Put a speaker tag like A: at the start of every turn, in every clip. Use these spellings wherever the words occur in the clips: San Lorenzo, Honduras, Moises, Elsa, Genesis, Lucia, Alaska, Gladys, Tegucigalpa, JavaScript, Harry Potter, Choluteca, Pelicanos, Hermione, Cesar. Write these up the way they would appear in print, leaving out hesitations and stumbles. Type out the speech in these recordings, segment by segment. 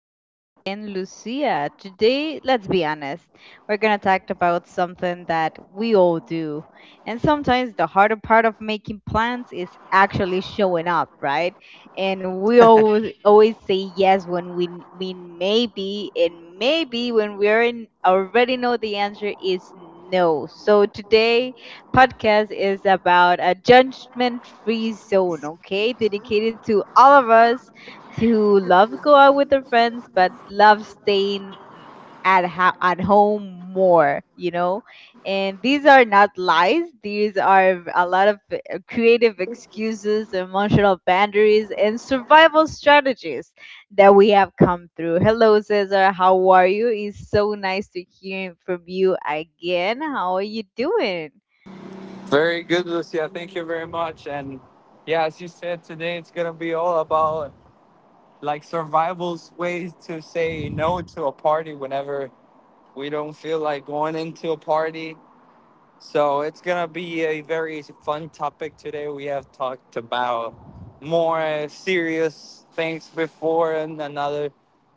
A: Cesar and Lucia. Today, let's be honest, we're going to talk about something that we all do. And sometimes the harder part of making plans is actually showing up, right? And we always, always say yes when we mean maybe, and maybe when we're in, already know the answer is no. So today, podcast is about a judgment free zone, okay? Dedicated to all of us to love go out with their friends, but love staying at home more, you know, and these are not lies, these are a lot of creative excuses, emotional boundaries, and survival strategies that we have come through. Hello, Cesar, how are you? It's so nice to hear from you again. How are you doing?
B: Very good, Lucia. Thank you very much. And yeah, as you said today, it's gonna be all about like survival's ways to say no to a party whenever we don't feel like going into a party. So it's gonna be a very fun topic today. We have talked about more serious things before in another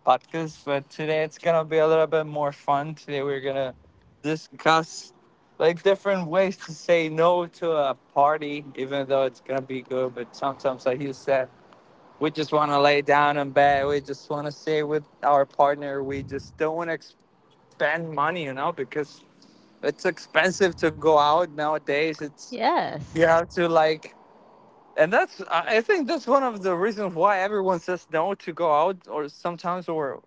B: podcast, but today it's gonna be a little bit more fun. Today we're gonna discuss like different ways to say no to a party, even though it's gonna be good. But sometimes, like you said, we just want to lay down in bed. We just want to stay with our partner. We just don't want to spend money, you know, because it's expensive to go out nowadays. It's
A: Yes.
B: you have to like, and that's I think that's one of the reasons why everyone says no to go out, or sometimes, or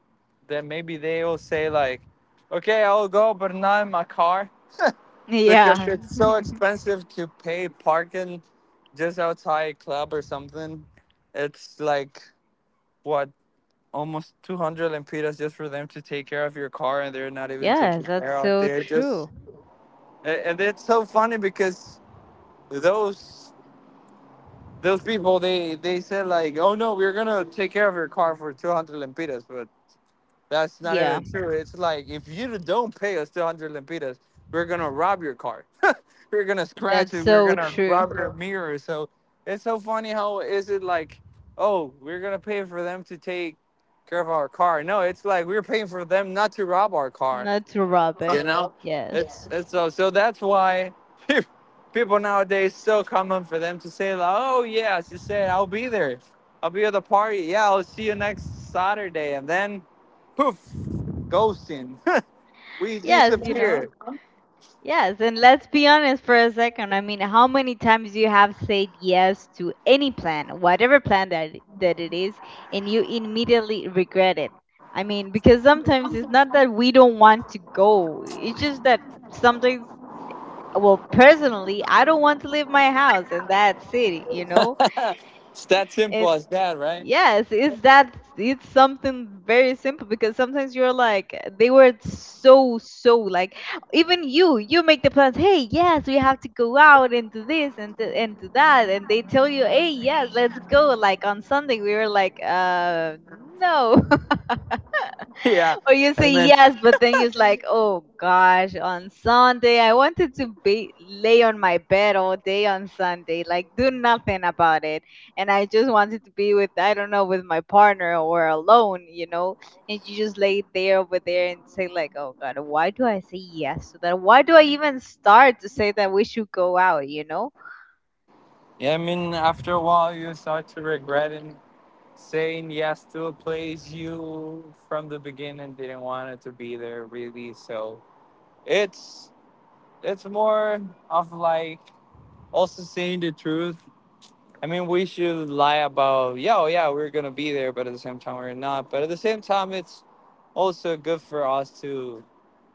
B: then maybe they will say like, okay, I'll go, but not in my car because
A: Yeah.
B: it's so expensive to pay parking just outside a club or something. It's like what almost 200 lempiras just for them to take care of your car, and they're not even taking
A: Yes, that's
B: care of,
A: so
B: they're just
A: true.
B: and it's so funny because those those people they said like, oh no, we're gonna take care of your car for 200 lempiras, but that's not
A: Yeah.
B: even true. It's like, if you don't pay us 200 lempiras, we're gonna rob your car. We're gonna scratch
A: That's
B: it, we're
A: so
B: gonna
A: true.
B: rob your mirror. So it's so funny, how is it like, oh, we're gonna pay for them to take care of our car? No, it's like we're paying for them not to rob our car.
A: Not to rob it.
B: You know,
A: Yes.
B: it's so so that's why people nowadays, it's so common for them to say like, oh yeah, she said I'll be there, I'll be at the party. Yeah, I'll see you next Saturday, and then poof, ghosting. We
A: Yes, you know.
B: disappear.
A: Yes, and let's be honest for a second. I mean, how many times you have said yes to any plan, whatever plan that it is, and you immediately regret it. I mean, because sometimes it's not that we don't want to go. It's just that sometimes well, personally, I don't want to leave my house in that city, you know?
B: It's that simple
A: It
B: as that, right?
A: yes, it's that, it's something very simple because sometimes you're like they were so so like even you make the plans. Hey, yes, we have to go out and do this and and do that, and they tell you, hey, yes, let's go. Like on Sunday, we were like, no.
B: Yeah,
A: Or you
B: I
A: say
B: mean,
A: yes, but then you're like, oh gosh, on Sunday, I wanted to be lay on my bed all day on Sunday, like do nothing about it. And I just wanted to be with, I don't know, with my partner or alone, you know? And you just lay there over there and say, like, oh God, why do I say yes to that? Why do I even start to say that we should go out, you know?
B: yeah, I mean, after a while you start to regret and saying yes to a place you from the beginning didn't want it to be there really. So it's it's more of like also saying the truth. I mean, we should lie about, yeah, oh, yeah, we're going to be there, but at the same time, we're not. But at the same time, it's also good for us to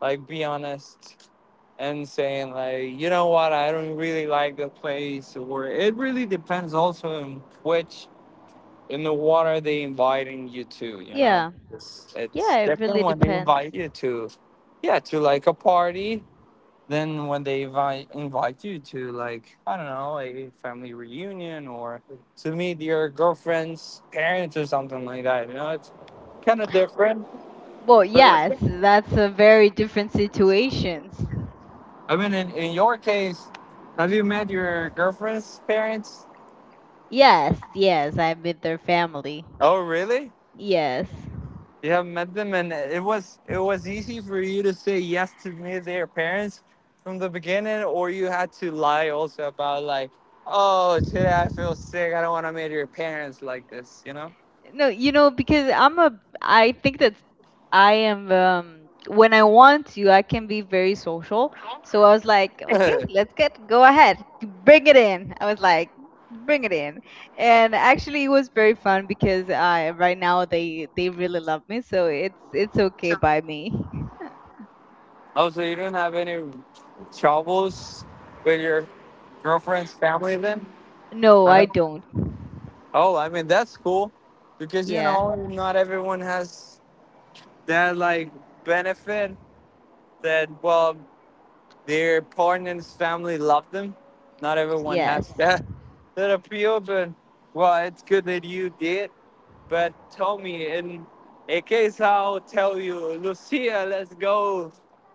B: like be honest and saying, like, you know what, I don't really like the place, or it really depends also on which in the water they inviting you to, you know?
A: Yeah. Yeah,
B: It's
A: it
B: different
A: really
B: when they
A: depends.
B: invite you to, yeah, to like a party then when they invite you to like, I don't know, a family reunion or to meet your girlfriend's parents or something like that, you know, it's kind of different.
A: Well,
B: But
A: yes, that's a very different situations.
B: I mean, in your case, have you met your girlfriend's parents?
A: Yes, yes, I'm with their family.
B: Oh, really?
A: Yes.
B: You haven't met them, and it was easy for you to say yes to meet their parents from the beginning, or you had to lie also about like, oh, today I feel sick, I don't want to meet your parents like this, you know?
A: No, you know, because I think that I am, when I want to, I can be very social. So I was like, okay,
B: Oh,
A: let's get, go ahead, bring it in. I was like, bring it in. And actually, it was very fun because right now they really love me, so it's okay by me.
B: so you didn't have any troubles with your girlfriend's family then?
A: No,
B: I
A: I
B: don't-
A: don't.
B: Oh, I mean, that's cool, because you
A: Yeah.
B: know not everyone has that like benefit that well, their partner's family love them. Not everyone has
A: Yes.
B: that that appeal, but well, it's good that you did. But Tommy in Ekesao tell you, Lucia, let's go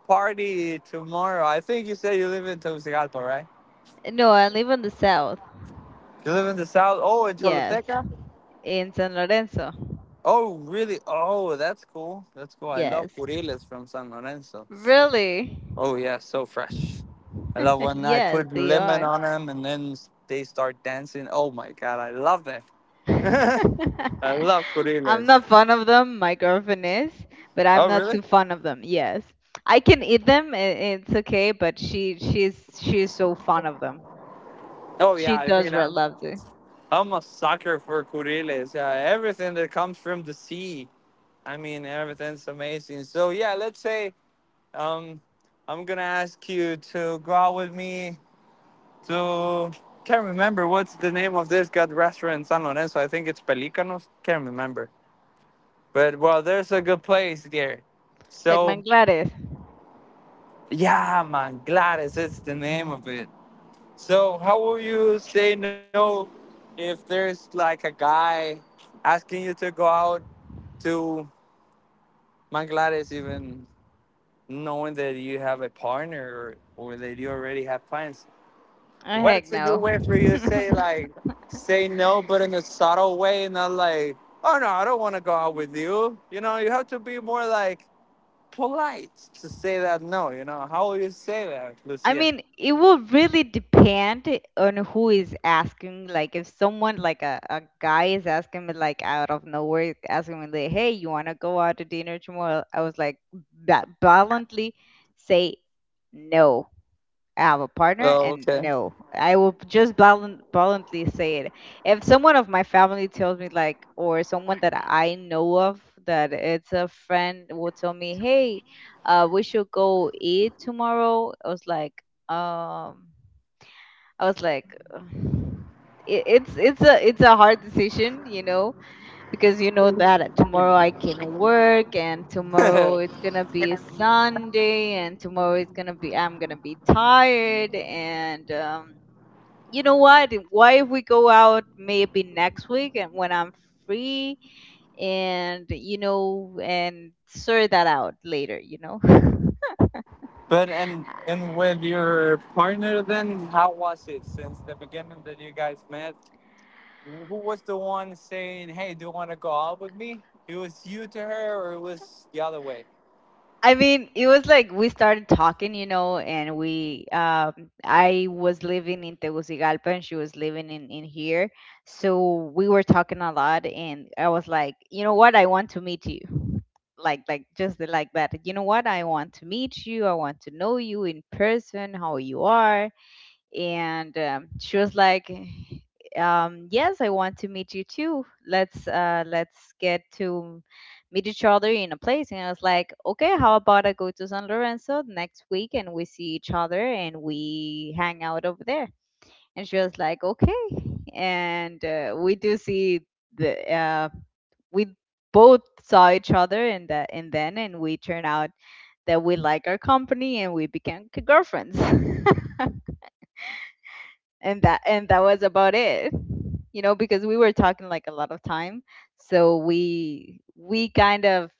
B: party tomorrow. I think you said you live in Tegucigalpa, right?
A: No, I live in the south.
B: You live in the south. Oh, in
A: Yes.
B: Choluteca.
A: In San Lorenzo.
B: Oh, really? Oh, that's cool. That's cool. I love
A: Yes.
B: curiles from San Lorenzo.
A: Really?
B: Oh yeah, so fresh. I love when I
A: Yes,
B: put
A: they
B: lemon
A: are.
B: on them and then they start dancing. Oh my god, I love that.
A: I'm
B: I love
A: not
B: curiles.
A: fond of them. My girlfriend is, but I'm
B: Oh
A: not
B: really?
A: too fond of them. Yes, I can eat them. It's okay, but she's so fond of them.
B: Oh yeah,
A: She
B: I
A: does
B: mean,
A: re- love them.
B: I'm a sucker for curiles. Yeah, everything that comes from the sea. I mean, everything's amazing. So yeah, let's say um, I'm gonna ask you to go out with me to. Can't remember what's the name of this good restaurant in San Lorenzo. I think it's Pelicanos. Can't remember. But well, there's a good place there.
A: Like
B: So
A: manglares.
B: yeah, man, Gladys, it's the name of it. So how will you say no if there's like a guy asking you to go out to my glad is, even knowing that you have a partner, or that you already have plans.
A: Oh,
B: What
A: heck
B: is a good
A: no.
B: way for you to say like, say no, but in a subtle way, not like, oh no, I don't want to go out with you. You know, you have to be more like polite to say that no. You know, how will you say that,
A: I
B: Lucia?
A: mean, it will really depend on who is asking. Like, if someone, like a guy, is asking me, like, out of nowhere, asking me, like, hey, you want to go out to dinner tomorrow? I was like, bluntly say no, have a partner,
B: Oh,
A: and
B: okay.
A: no, I will just bluntly say it. If someone of my family tells me like or someone that I know of that it's a friend will tell me, hey, we should go eat tomorrow, I was like, i was like "Ugh." It's it's a hard decision, you know, because you know that tomorrow I can work and tomorrow it's gonna be Sunday and tomorrow it's gonna be I'm gonna be tired, and you know what? Why if we go out maybe next week and when I'm free, and you know, and sort that out later, you know?
B: but and with your partner, then how was it since the beginning that you guys met? Who was the one saying, "Hey, do you want to go out with me?" It was you to her, or it was the other way.
A: I mean, it was like we started talking, you know, and we I was living in Tegucigalpa and she was living in here. So we were talking a lot and I was like, "You know what? I want to meet you." Like just like that. "You know what? I want to meet you. I want to know you in person, how you are." And she was like, yes, I want to meet you too. Let's let's get to meet each other in a place. And I was like, okay, how about I go to San Lorenzo next week and we see each other and we hang out over there. And she was like, okay. And we do see the we both saw each other, and that and then and we turned out that we like our company, and we became girlfriends. And that was about it, you know, because we were talking like a lot of time. So we kind of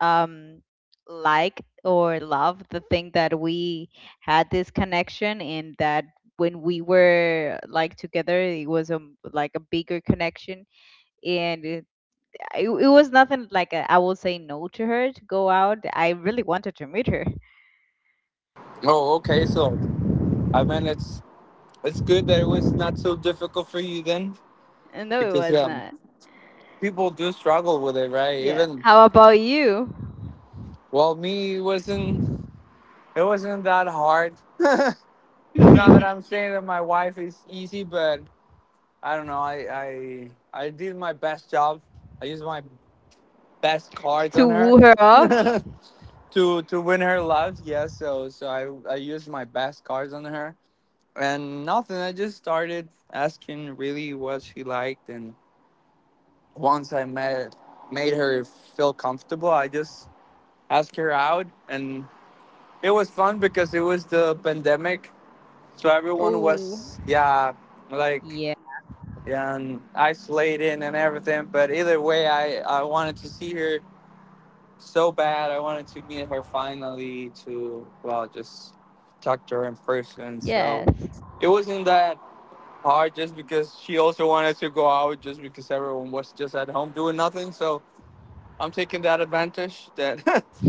A: um like or love the thing that we had this connection, and that when we were like together it was a like a bigger connection. And it was nothing like a, I will say no to her to go out. I really wanted to meet her.
B: Oh, okay. So I mean, it's good that it was not so difficult for you then,
A: No, it
B: because
A: was
B: yeah,
A: not.
B: people do struggle with it, right?
A: Yeah,
B: Even
A: how about you?
B: well, me it wasn't, it wasn't that hard. It's not that
A: To
B: I'm saying that my wife is easy, but I don't know. I did my best job. I used my best cards on her.
A: woo her off.
B: To win her love, yes, so so I used my best cards on her and nothing, I just started asking really what she liked, and once I met, made her feel comfortable, I just asked her out. And it was fun because it was the pandemic, so everyone
A: Oh,
B: was, yeah, like
A: yeah.
B: yeah, and isolated and everything, but either way, I wanted to see her so bad. I wanted to meet her finally to, well, just talk to her in person. So
A: Yes.
B: it wasn't that hard just because she also wanted to go out, just because everyone was just at home doing nothing. So I'm taking that advantage that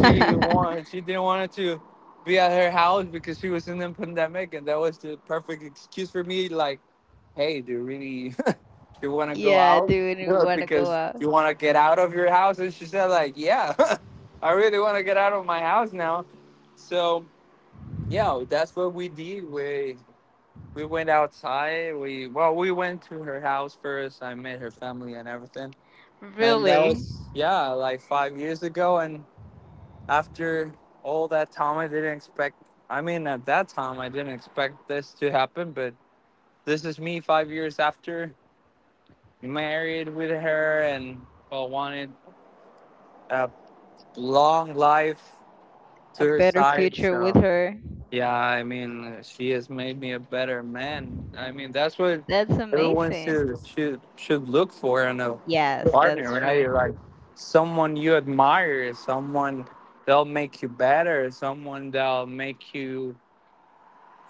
B: she wanted. She didn't want to be at her house because she was in the pandemic, and that was the perfect excuse for me like, hey, do you really you want to go
A: Yeah,
B: out?
A: dude, you
B: Yeah,
A: wanna go
B: because
A: out?
B: you want to get out of your house, and she said like, yeah, I really want to get out of my house now. So yeah, that's what we did. We went outside, we, well, we went to her house first, I met her family and everything. And that
A: Really?
B: was yeah, like 5 years ago. And after all that time, I didn't expect, I mean at that time I didn't expect this to happen, but this is me 5 years after, married with her, and well, wanted a long life to
A: A
B: her
A: better
B: side.
A: future with
B: So
A: her.
B: yeah, I mean, she has made me a better man. I mean, that's what
A: That's
B: everyone
A: amazing.
B: should look for in a
A: Yes,
B: partner,
A: that's true.
B: right? Like someone you admire, someone they'll make you better, someone that'll make you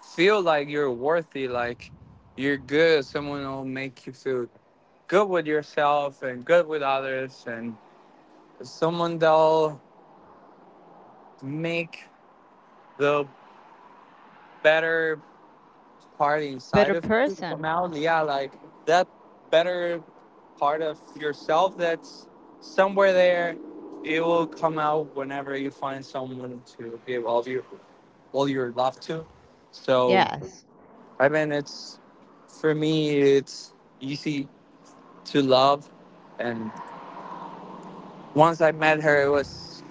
B: feel like you're worthy, like you're good. Someone will make you feel good with yourself and good with others, and someone that'll make the better part
A: Better
B: inside of you come
A: person.
B: out. Yeah, like that better part of yourself that's somewhere there. It will come out whenever you find someone to give all of your all your love to. So
A: Yes.
B: I mean, it's for me, it's easy to love. And once I met her, it was,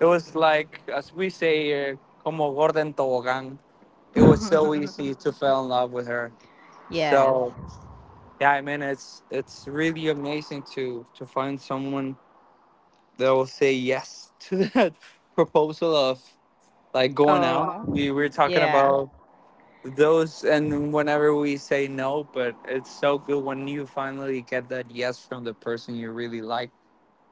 B: it was like as we say here, como gorda en tobogán. It was so easy to fall in love with her.
A: Yes.
B: So yeah, I mean, it's really amazing to find someone that will say yes to that proposal of like going out.
A: Oh,
B: We were talking
A: yeah.
B: about those and whenever we say no, but it's so good when you finally get that yes from the person you really like,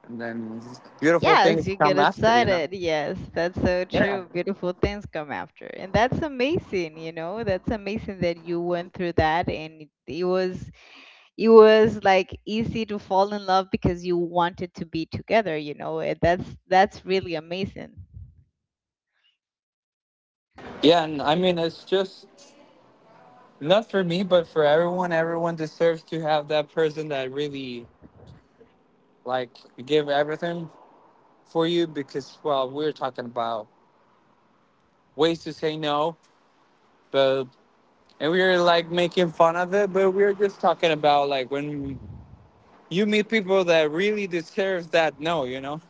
B: and then beautiful
A: Yes,
B: things
A: you get
B: come after, you know?
A: excited. Yes, that's so
B: Yeah.
A: true. Beautiful things come after. And that's amazing, you know? That's amazing that you went through that, and it was like easy to fall in love because you wanted to be together, you know. Eh, that's really amazing.
B: Yeah, and I mean, it's just not for me, but for everyone. Everyone deserves to have that person that really, like, give everything for you because, well, we're talking about ways to say no, but, and we are like making fun of it, but we're just talking about, like, when you meet people that really deserve that no, you know?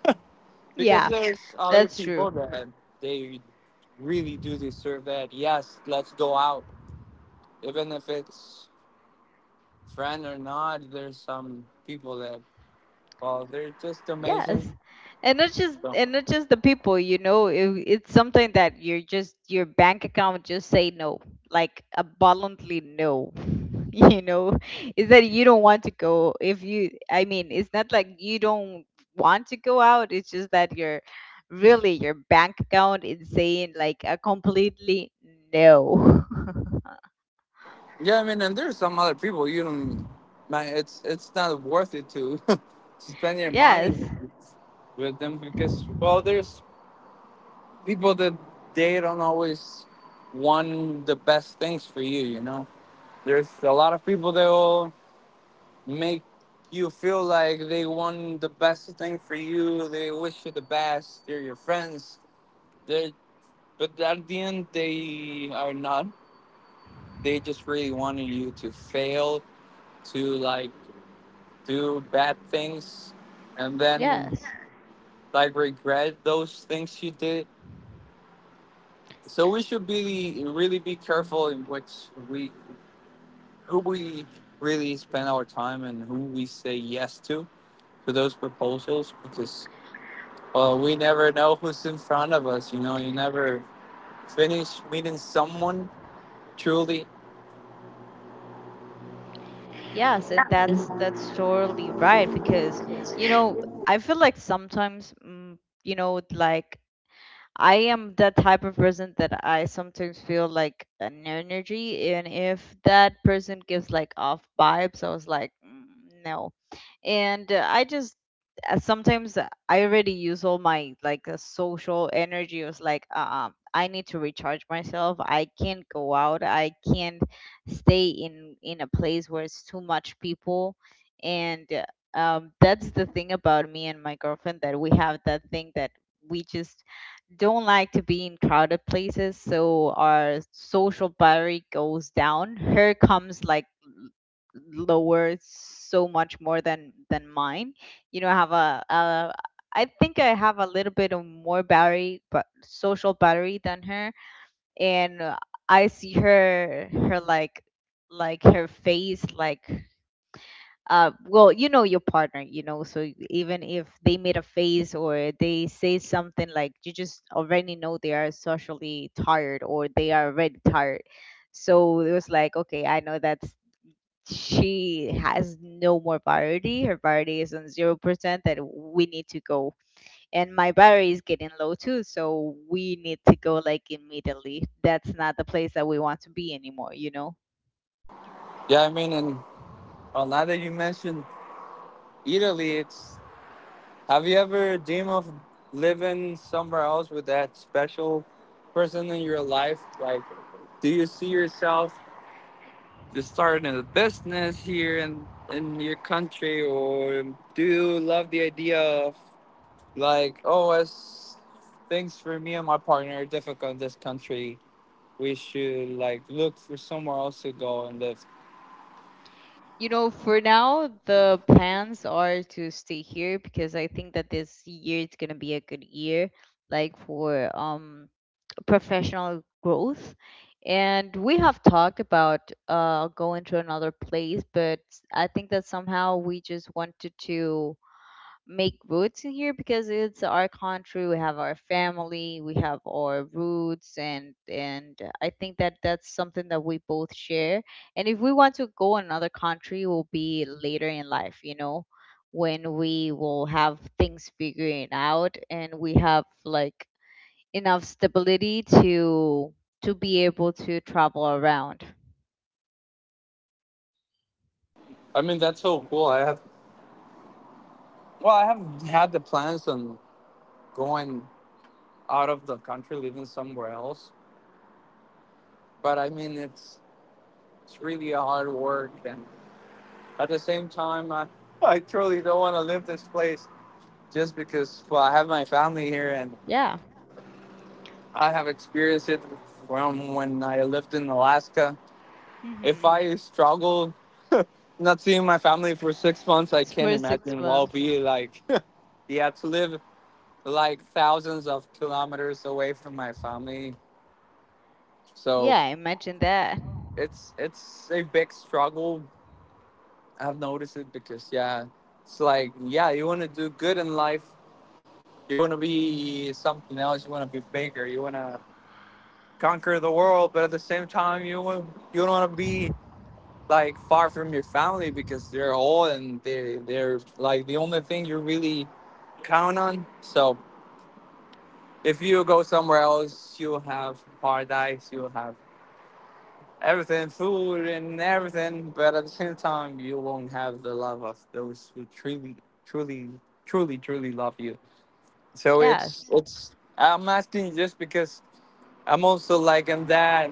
B: Because
A: Yeah,
B: there's other
A: that's true.
B: people that they really do deserve that. Yes, let's go out. Even if it's friend or not, there's some people that, well, they're just
A: Yes.
B: amazing.
A: And not just,
B: So,
A: and not just the people, you know, it's something that you're just your bank account just say no, like abundantly no. You know, is that you don't want to go if you I mean, it's not like you don't want to go out, it's just that you're really your bank account is saying like a completely no.
B: yeah, I mean, and there's some other people you don't. Man, it's not worth it to to spend your money
A: Yes.
B: with them because, well, there's people that they don't always want the best things for you. You know, there's a lot of people that will make you feel like they want the best thing for you. They wish you the best. They're your friends. They're But at the end, they are not. They just really wanted you to fail, to do bad things, and then
A: Yes.
B: like regret those things you did. So we should be really be careful in which we who we really spend our time and who we say yes to those proposals because well, we never know who's in front of us. You know, you never finish meeting someone truly.
A: Yes, and that's totally right because you know I feel like sometimes you know like I am the type of person that I sometimes feel like an energy, and if that person gives like off vibes, I was like, "Mm, no." And I just sometimes I already use all my like social energy. It was like, I need to recharge myself. I can't go out. I can't stay in a place where it's too much people, and that's the thing about me and my girlfriend that we have that thing that we just don't like to be in crowded places, so our social battery goes down. Her comes like lower so much more than mine. You know, I have a I think I have a little bit of more battery, but social battery than her, and I see her like her face like well, you know your partner, you know, so even if they made a face or they say something like you just already know they are socially tired or they are already tired. So it was like, okay, I know that she has no more priority. Her priority is on 0% that we need to go. And my battery is getting low too, so we need to go like immediately. That's not the place that we want to be anymore, you know?
B: Yeah, I mean, and well, now that you mentioned Italy, it's have you ever dream of living somewhere else with that special person in your life? Like, do you see yourself just starting a business here in your country, or do you love the idea of like, oh, as things for me and my partner are difficult in this country, we should like look for somewhere else to go and live.
A: You know, for now, the plans are to stay here because I think that this year it's gonna be a good year, like for professional growth. And we have talked about going to another place, but I think that somehow we just wanted to make roots in here because it's our country, we have our family, we have our roots, and I think that that's something that we both share. And if we want to go another country, will be later in life, you know, when we will have things figuring out, and we have like enough stability to be able to travel around.
B: I mean, that's so cool. I have I have had the plans on going. Out of the country, living somewhere else, but I mean it's really a hard work, and at the same time I truly don't want to leave this place just because well, I have my family here and
A: Yeah.
B: I have experienced it from when I lived in Alaska. If
A: Mm-hmm.
B: I struggle not seeing my family for 6 months, I can't
A: For six
B: imagine what will
A: months.
B: be like yeah, to live like thousands of kilometers away from my family. So
A: Yeah, imagine that.
B: it's a big struggle. I've noticed it because yeah, it's like yeah, you want to do good in life. You want to be something else. You want to be bigger. You want to conquer the world, but at the same time, you don't want to be like far from your family because they're all and they're like the only thing you really count on. So if you go somewhere else, you'll have paradise. You'll have everything, food and everything, but at the same time, you won't have the love of those who truly, truly, truly, truly love you. So it's
A: Yes.
B: it's. I'm asking just because I'm also like in that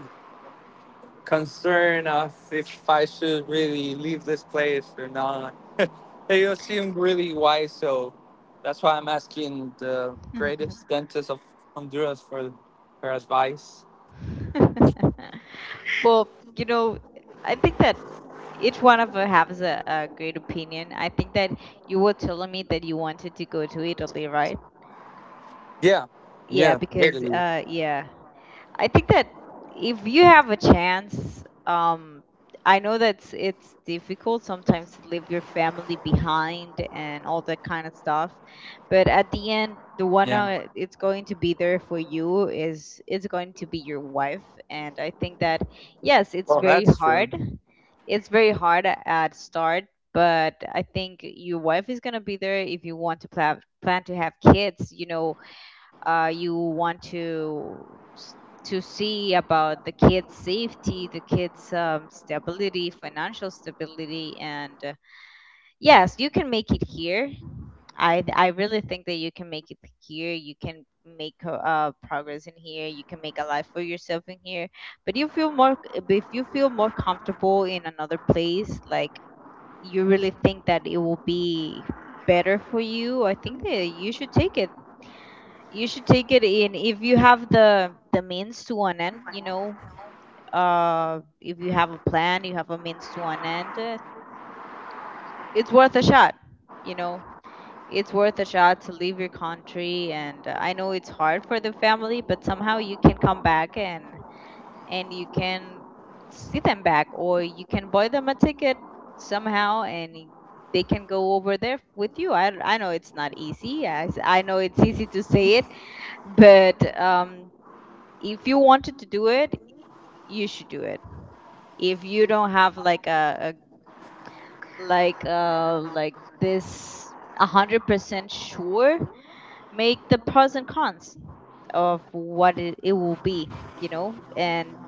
B: concern of if I should really leave this place or not. You seem really wise, so that's why I'm asking the greatest dentist of Honduras for her advice.
A: Well, you know, I think that each one of us has a great opinion. I think that you were telling me that you wanted to go to Italy, right?
B: Yeah,
A: Yeah,
B: yeah,
A: because
B: literally.
A: I think that if you have a chance, I know that it's difficult sometimes to leave your family behind and all that kind of stuff, but at the end, the one
B: Yeah.
A: it's going to be there for you is going to be your wife, and I think that yes, it's
B: Well,
A: very
B: that's true.
A: hard. It's very hard at start, but I think your wife is gonna be there if you want to plan to have kids. You know, you want to s- to see about the kids' safety, the kids' stability, financial stability, and yes, you can make it here. I really think that you can make it here. You can make progress in here. You can make a life for yourself in here. But you feel more if you feel more comfortable in another place, like you really think that it will be better for you, I think that you should take it in if you have the means to an end, you know. If you have a plan, you have a means to an end, it's worth a shot. you know it's worth a shot to leave your country. And I know it's hard for the family, but somehow you can come back and you can see them back, or you can buy them a ticket somehow. And they can go over there with you. I know it's not easy. I know it's easy to say it, but if you wanted to do it, you should do it. If you don't have like a, like like this 100% sure, make the pros and cons of it will be, you know, and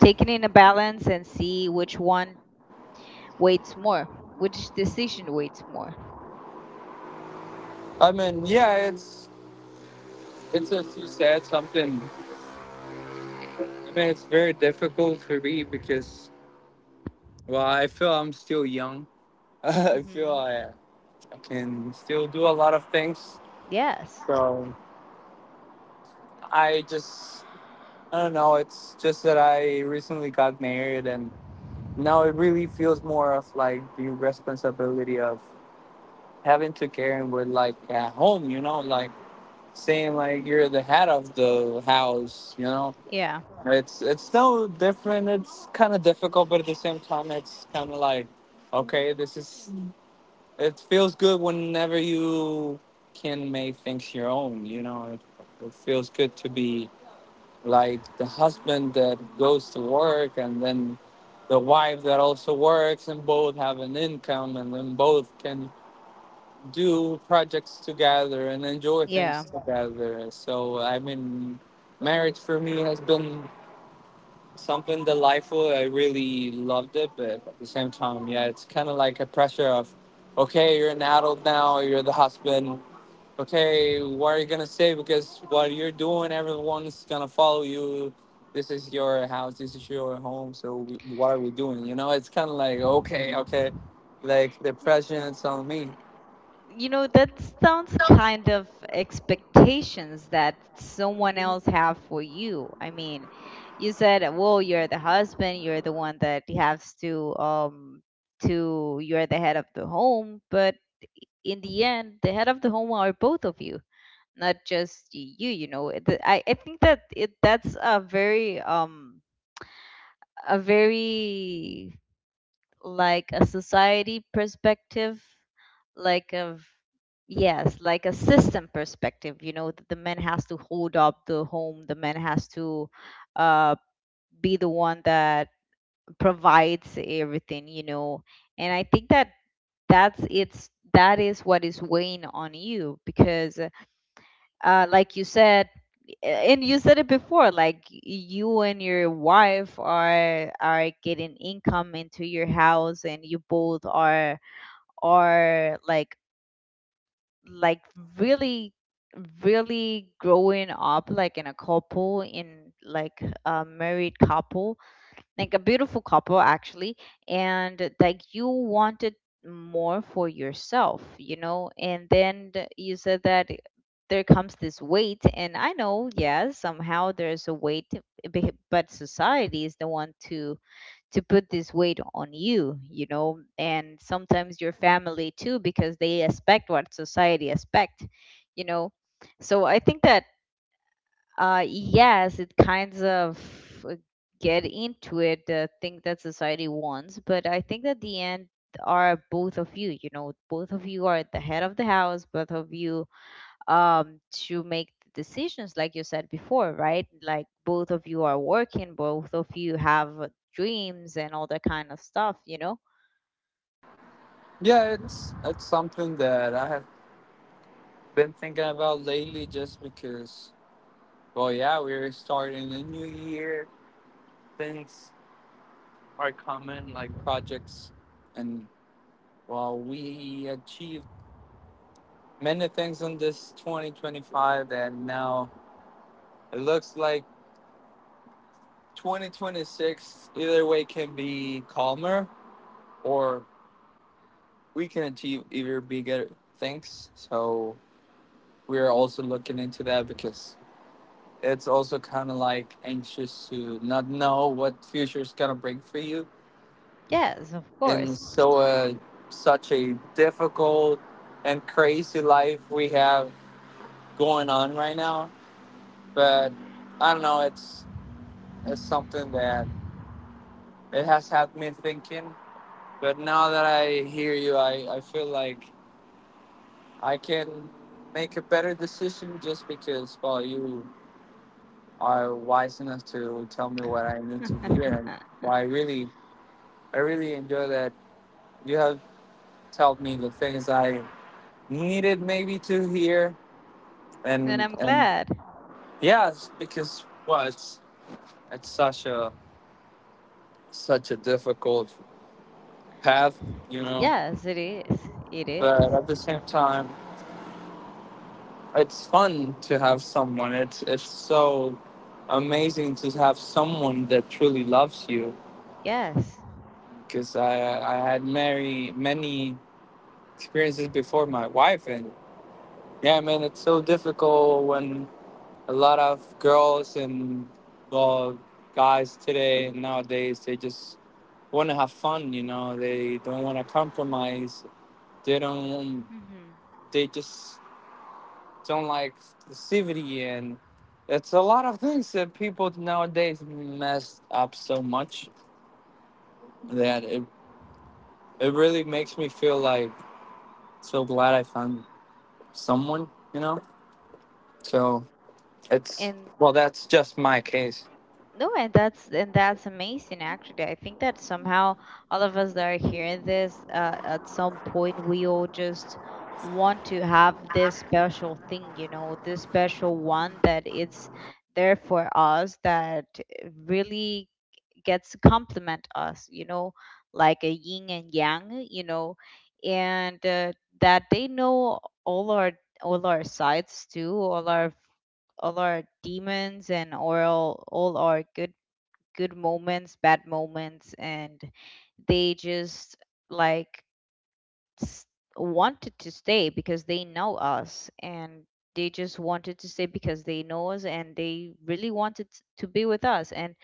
A: take it in a balance and see which one weights more, which decision weights more.
B: I mean, yeah, it's as you said something. I mean, it's very difficult for me because well, I feel I'm still young. I feel
A: Hmm.
B: I can still do a lot of things.
A: Yes.
B: So I just I don't know. It's just that I recently got married, and now it really feels more of like the responsibility of having to care with like at home. You know, like saying like you're the head of the house. You know,
A: Yeah,
B: it's still different. It's kind of difficult, but at the same time, it's kind of like, okay, this is. It feels good whenever you can make things your own. You know, it feels good to be like the husband that goes to work and then the wife that also works and both have an income, and then both can do projects together and enjoy
A: yeah.
B: things together. So I mean, marriage for me has been something delightful. I really loved it, but at the same time, yeah, it's kind of like a pressure of, okay, you're an adult now, you're the husband. Okay, what are you gonna say? Because what you're doing, everyone's gonna follow you. This is your house. This is your home. So we, what are we doing? You know, it's kind of like okay, okay, like the pressure is on me.
A: You know, that sounds kind of expectations that someone else have for you. I mean, you said, "Well, you're the husband, you're the one that has to you're the head of the home," but in the end, the head of the home are both of you, not just you, you know. I think that it that's a very like a society perspective, like a yes, like a system perspective. You know, that the man has to hold up the home, the man has to uh, be the one that provides everything. You know, and I think that that is what is weighing on you because like you said, and you said it before, like you and your wife are getting income into your house, and you both are, or like really really growing up like in a couple, in like a married couple, like a beautiful couple actually. And like you wanted more for yourself, you know. And then you said that there comes this weight, and I know, yes, somehow there's a weight. But society is the one to put this weight on you, you know. And sometimes your family too, because they expect what society expect, you know. So I think that yes, it kinds of uh, get into it, the thing that society wants. But I think at the end are both of you, you know. Both of you are at the head of the house, both of you, um, to make the decisions, like you said before, right? Like both of you are working, both of you have dreams and all that kind of stuff, you know?
B: Yeah, it's something that I have been thinking about lately, just because. Well, yeah, we're starting a new year. Things are common like projects, and while we achieved many things in this 2025 and now it looks like 2026 either way can be calmer, or we can achieve either bigger things. So we're also looking into that because it's also kind of like anxious to not know what future is gonna bring for you.
A: Yes, of
B: And
A: course.
B: so such a difficult and crazy life we have going on right now. But I don't know, it's something that it has had me thinking. But now that I hear you, I feel like I can make a better decision just because well, you are wise enough to tell me what I need to
A: And
B: hear. And well, I really enjoy that you have told me the things I needed maybe to hear. and
A: I'm
B: and
A: glad.
B: yes, because well it's such a such a difficult path, you know.
A: Yes, it is. It
B: But
A: is.
B: at the same time, it's fun to have someone. It's so amazing to have someone that truly loves you.
A: Yes.
B: Because I had many many experiences before my wife, and yeah, man, it's so difficult when a lot of girls and well, guys today nowadays they just want to have fun. You know, they don't want to compromise. They don't.
A: Hmm.
B: They just don't like passivity, and it's a lot of things that people nowadays mess up so much that it, it really makes me feel like so glad I found someone, you know? So it's,
A: And
B: well, that's just my case.
A: no, and that's, and that's amazing, actually. I think that somehow all of us that are hearing this, at some point, we all just want to have this special thing, you know, this special one that it's there for us that really gets to complement us, you know, like a yin and yang, you know. And that they know all our all our sides too, all our demons, and all our good good moments, bad moments. And they just like s- wanted to stay because they know us. And they just wanted to stay because they know us, and they really wanted to be with us. And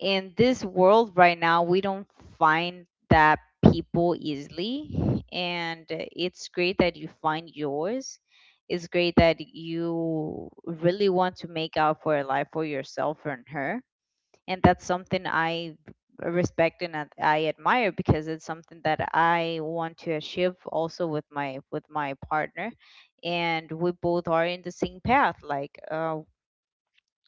A: in this world right now, we don't find that people easily. And it's great that you find yours. It's great that you really want to make out for a life for yourself and her. And that's something I respect and I admire, because it's something that I want to achieve also with my partner. And we both are in the same path, like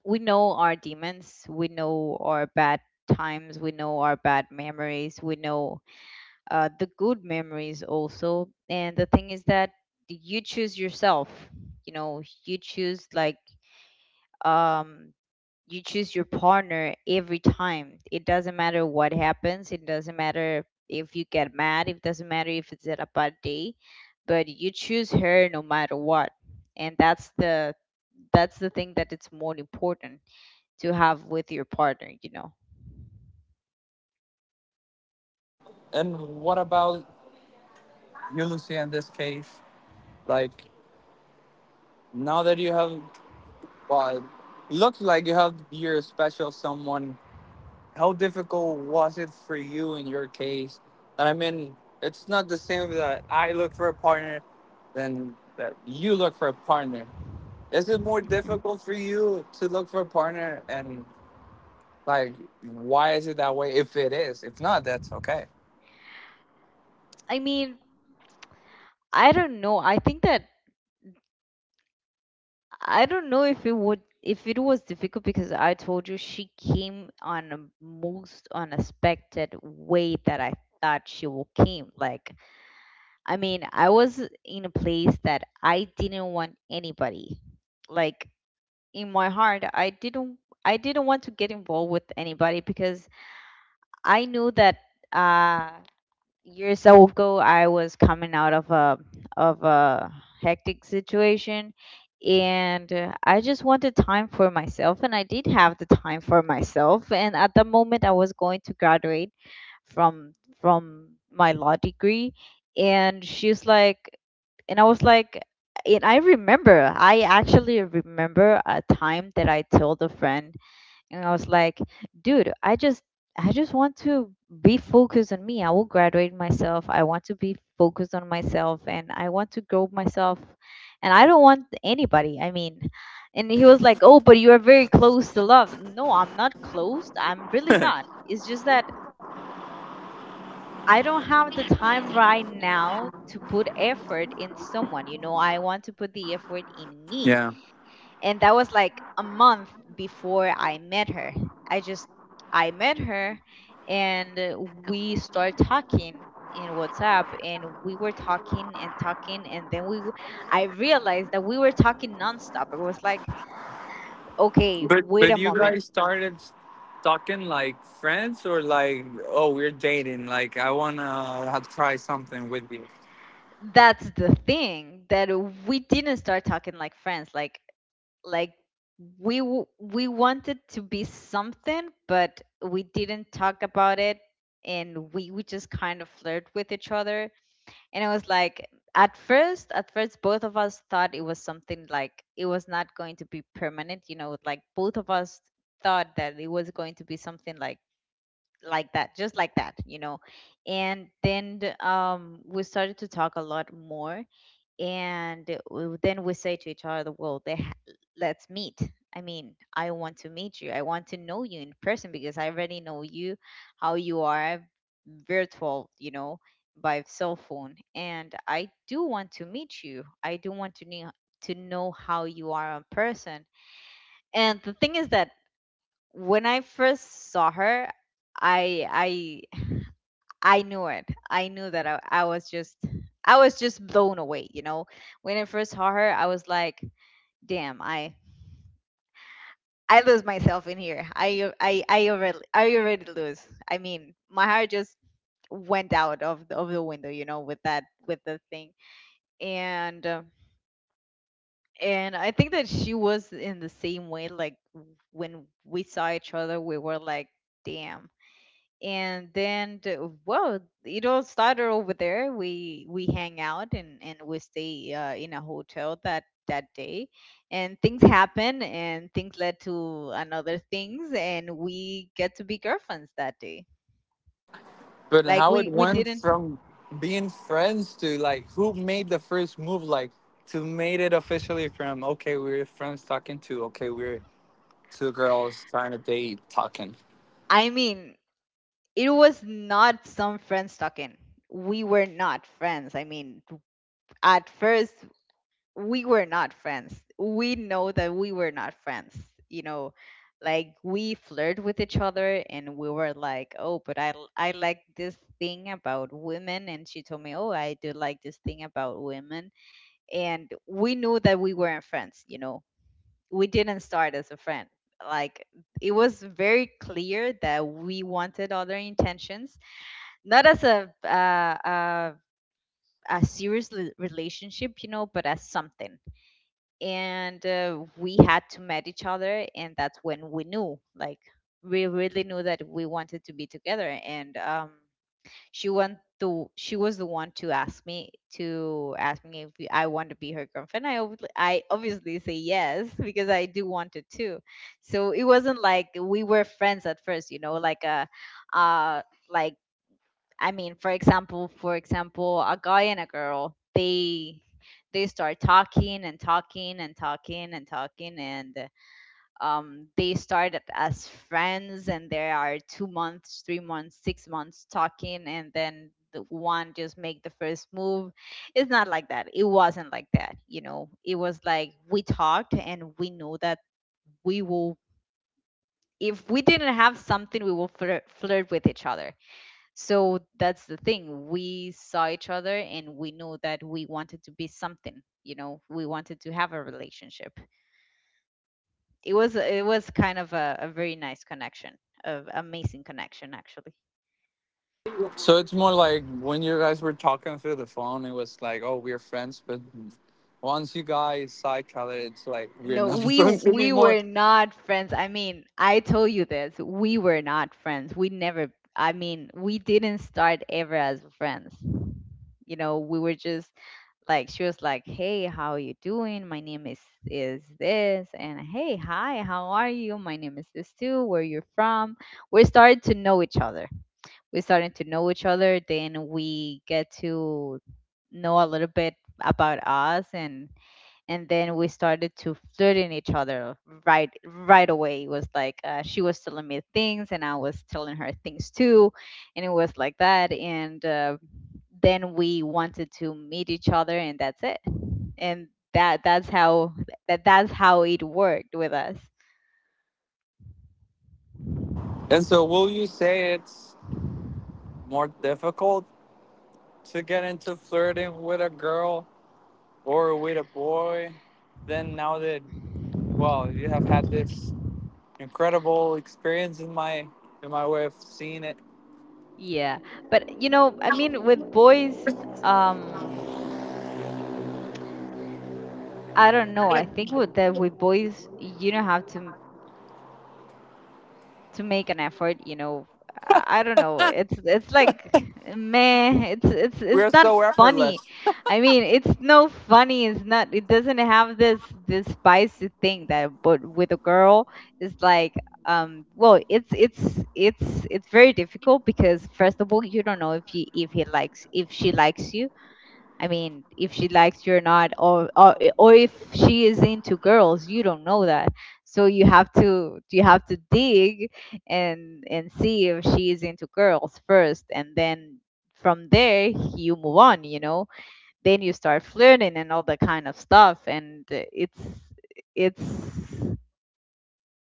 A: we know our demons, we know our bad times, we know our bad memories, we know the good memories also. And the thing is that you choose yourself, you know. You choose like um you choose your partner every time. It doesn't matter what happens. It doesn't matter if you get mad. It doesn't matter if it's a bad day, but you choose her no matter what. And that's the thing that it's more important to have with your partner. You know.
B: And what about you, Lucia, in this case? Like, now that you have, well, it looks like you have your special someone, how difficult was it for you in your case? And I mean, it's not the same that I look for a partner than that you look for a partner. Is it more difficult for you to look for a partner? And like, why is it that way? If it is, if not, that's okay.
A: I mean, I don't know. I think that I don't know if it would if it was difficult, because I told you she came on a most unexpected way that I thought she will came like. I mean, I was in a place that I didn't want anybody. Like in my heart, I didn't want to get involved with anybody, because I knew that uh years ago I was coming out of a hectic situation. And I just wanted time for myself, and I did have the time for myself. And at the moment I was going to graduate from from my law degree, and she's like, and I was like. And I remember, I actually remember a time that I told a friend, and I was like, dude, I just want to be focused on me. I will graduate myself. I want to be focused on myself, and I want to grow myself, and I don't want anybody. I mean, and he was like, "Oh, but you are very close to love." No, I'm not closed. I'm really not. It's just that I don't have the time right now to put effort in someone. You know, I want to put the effort in me.
B: Yeah.
A: And that was like a month before I met her. I just I met her, and we started talking in WhatsApp. And we were talking and talking, and then I realized that we were talking nonstop. It was like, okay,
B: But
A: wait
B: but
A: a
B: you
A: moment.
B: guys started talking like friends or like oh, we're dating, like I wanna try something with you.
A: That's the thing that we didn't start talking like friends, like we wanted to be something, but we didn't talk about it. And we would just kind of flirt with each other, and it was like at first both of us thought it was something like it was not going to be permanent, you know, like both of us thought that it was going to be something like that, just like that, you know. And then we started to talk a lot more. And then we say to each other, well, let's meet. I mean, I want to meet you, I want to know you in person, because I already know you how you are virtual, you know, by cell phone. And I do want to meet you, I do want to know how you are in person. And the thing is that when I first saw her, i I knew it. I knew that I was just blown away, you know. When I first saw her, I was like, damn, I lose myself in here. I already I already lose. I mean, my heart just went out of the window, you know, with that with the thing. And uh, and I think that she was in the same way, like when we saw each other, we were like, damn. And then the, well, it all started over there. We hang out, and we stay in a hotel that that day. And things happen, and things led to another things, and we get to be girlfriends that day.
B: But
A: Like
B: how it
A: we
B: went
A: didn't,
B: from being friends to like who made the first move, like to made it officially from okay, we're friends talking to okay, we're two girls trying to date talking.
A: I mean, it was not some friends talking, we were not friends. I mean, at first, we were not friends. We know that we were not friends. You know, like we flirt with each other, and we were like, "Oh, but I like this thing about women." And she told me, "Oh, I do like this thing about women." And we knew that we weren't friends, you know. We didn't start as a friend. Like it was very clear that we wanted other intentions, not as a serious relationship, you know, but as something. And we had to meet each other, and that's when we knew like we really knew that we wanted to be together. And she went to she was the one to ask me if I want to be her girlfriend. I obviously say yes because I do want it too. So it wasn't like we were friends at first, you know, like a uh like I mean, for example, a guy and a girl, they start talking and they started as friends and there are 2 months 3 months 6 months talking, and then the one just make the first move. It wasn't like that, you know. It was like we talked and we know that we will, if we didn't have something we will flirt with each other. So that's the thing. We saw each other and we knew that we wanted to be something, you know, we wanted to have a relationship. It was kind of a very nice connection, of amazing connection actually.
B: So it's more like when you guys were talking through the phone, it was like oh, we're friends, but once you guys saw each other, it's like we're
A: No,
B: not
A: we
B: friends
A: we
B: anymore.
A: were not friends. I mean, I told you this. We were not friends. We never I mean, we didn't start ever as friends. You know, we were just like. She was like, "Hey, how are you doing? My name is this." And, "Hey, hi, how are you? My name is this too. Where you're from?" We started to know each other. We started to know each other, then we get to know a little bit about us. And then we started to flirting each other right away. It was like, she was telling me things and I was telling her things too, and it was like that. And Then we wanted to meet each other, and that's it. And that's how, that's how it worked with us.
B: And so, will you say it's more difficult to get into flirting with a girl or with a boy? Than now that Well, you have had this incredible experience in my way of seeing it.
A: Yeah, but you know, I mean, with boys, um I don't know, I think with boys you don't have to make an effort, you know. I don't know, it's like meh, it's it's
B: We're
A: not
B: so
A: funny.
B: effortless.
A: I mean, it's no funny. It's not, it doesn't have this this spicy thing. That But with a girl it's like um well, it's it's it's very difficult, because first of all you don't know if he likes if she likes you. I mean, if she likes you or not, or if she is into girls, you don't know that. So you have to dig and see if she is into girls first, and then from there you move on. You know, then you start flirting and all that kind of stuff, and it's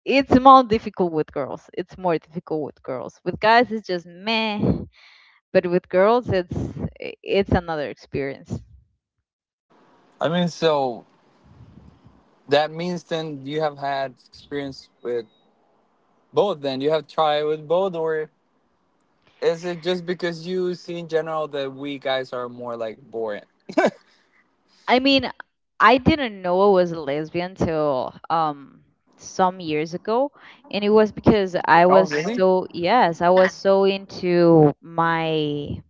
A: it's more difficult with girls. It's more difficult with girls. With guys, it's just meh, but with girls, it's another experience.
B: I mean, so that means then you have had experience with both. Then you have tried with both, or is it just because you see in general that we guys are more like boring?
A: I mean, I didn't know I was a lesbian till some years ago, and it was because I
B: Oh
A: was
B: really?
A: so, yes, I was so into my.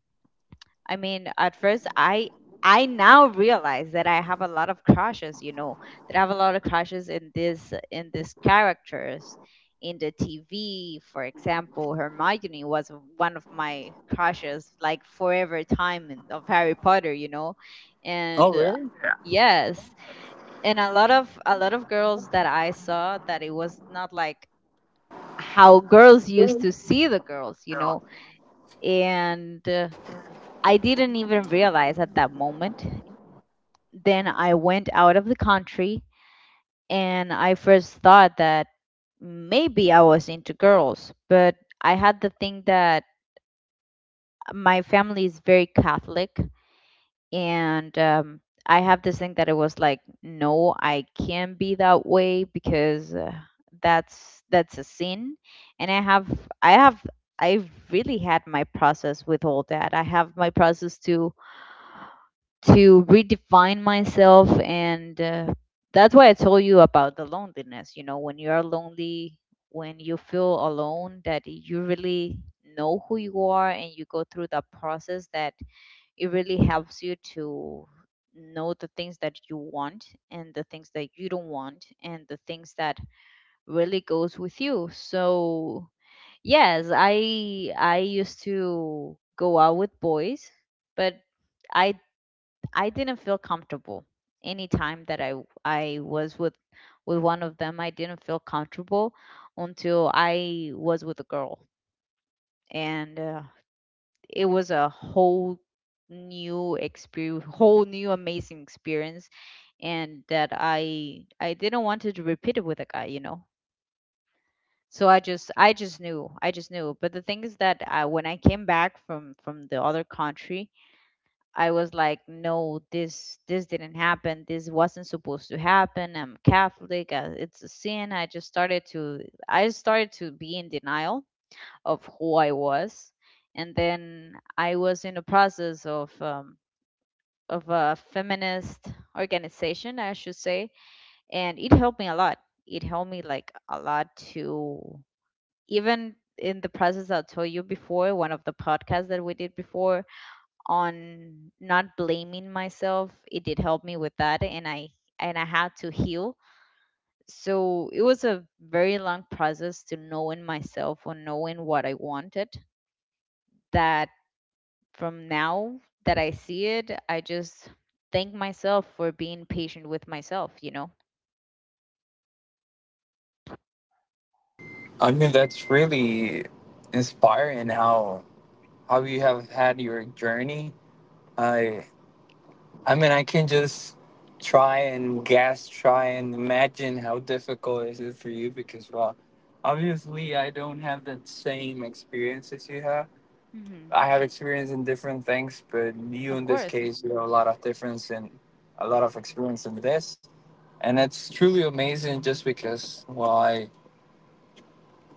A: I mean, at first, I now realize that I have a lot of crushes. You know, that I have a lot of crushes in this in these characters in the TV. For example, Hermione was one of my crushes, like forever time in- of Harry Potter. You know,
B: Oh
A: and
B: really?
A: yes, and a lot of girls that I saw that it was not like how girls used to see the girls. You know, and. I didn't even realize at that moment. Then I went out of the country, and I first thought that maybe I was into girls, but I had the thing that my family is very Catholic, and I have this thing that it was like, no, I can't be that way because that's a sin. And I have I have I really had my process with all that. I have my process to redefine myself, and that's why I told you about the loneliness. You know, when you are lonely, when you feel alone, that you really know who you are, and you go through that process that it really helps you to know the things that you want, and the things that you don't want, and the things that really goes with you. So yes, I used to go out with boys, but I I didn't feel comfortable anytime that I was with one of them. I didn't feel comfortable until I was with a girl, and it was a whole new experience, whole new amazing experience, and that I didn't want to repeat it with a guy, you know. So I just knew, I just knew. But the thing is that when I came back from the other country, I was like, no, this didn't happen. This wasn't supposed to happen. I'm Catholic. It's a sin. I started to be in denial of who I was, and then I was in the process of a feminist organization, I should say, and it helped me a lot. It helped me like a lot to, even in the process I told you before, one of the podcasts that we did before on not blaming myself, it did help me with that. And I and I had to heal. So it was a very long process to knowing myself or knowing what I wanted. That from now, that I see it, I just thank myself for being patient with myself, you know.
B: I mean, that's really inspiring how you have had your journey. I. I mean, I can just try and imagine how difficult is it is for you because, well, obviously I don't have that same experience as you have.
A: Hmm.
B: I have experience in different things, but you
A: Of
B: in this
A: course.
B: case, you have a lot of difference and a lot of experience in this, and it's truly amazing just because, well,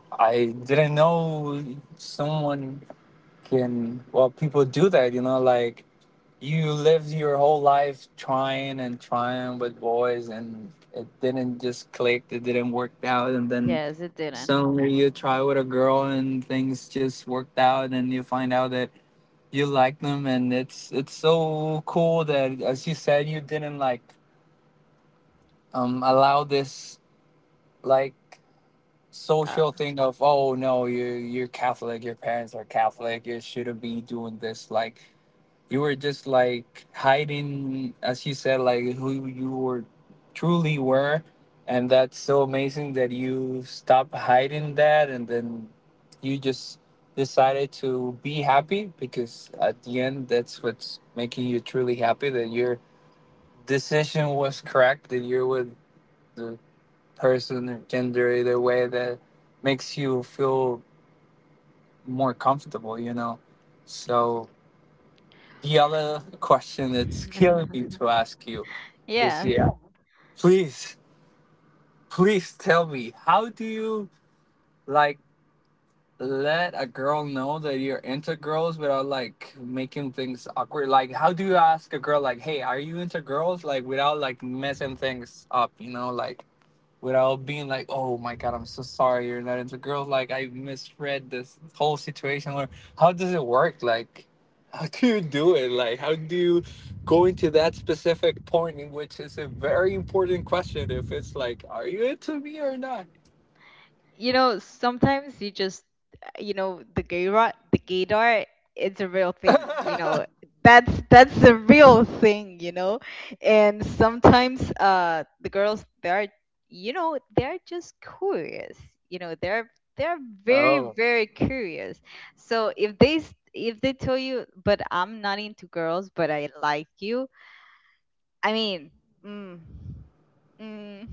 B: I didn't know someone can well, people do that, you know, like you lived your whole life trying and trying with boys and it didn't just click, it didn't work out, and then
A: Yes, it didn't.
B: suddenly you try with a girl and things just worked out and you find out that you like them. And it's so cool that as you said you didn't like allow this like
A: Uh,
B: social thing of oh no, you you're Catholic, your parents are Catholic, you shouldn't be doing this, like you were just like hiding as you said like who you were truly were. And that's so amazing that you stopped hiding that and then you just decided to be happy, because at the end that's what's making you truly happy, that your decision was correct, that you're with the person or gender either way that makes you feel more comfortable, you know. So the other question that's killing me to ask you,
A: yes.
B: Lucia, please, please tell me, how do you like let a girl know that you're into girls without like making things awkward? Like, how do you ask a girl like, "Hey, are you into girls?" Like, without like messing things up, you know? Like, without being like, oh my god, I'm so sorry you're not into girls. Like I misread this whole situation. Or how does it work? Like how do you do it? Like how do you go into that specific point in which it's a very important question if it's like, are you into me or not?
A: You know, sometimes you just, you know, the gaydar, it's a real thing. You know, that's the real thing. You know, and sometimes the girls they are, you know, they're just curious. You know, they're very
B: Oh.
A: very curious. So if if they tell you, but I'm not into girls, but I like you. I mean, mm, mm.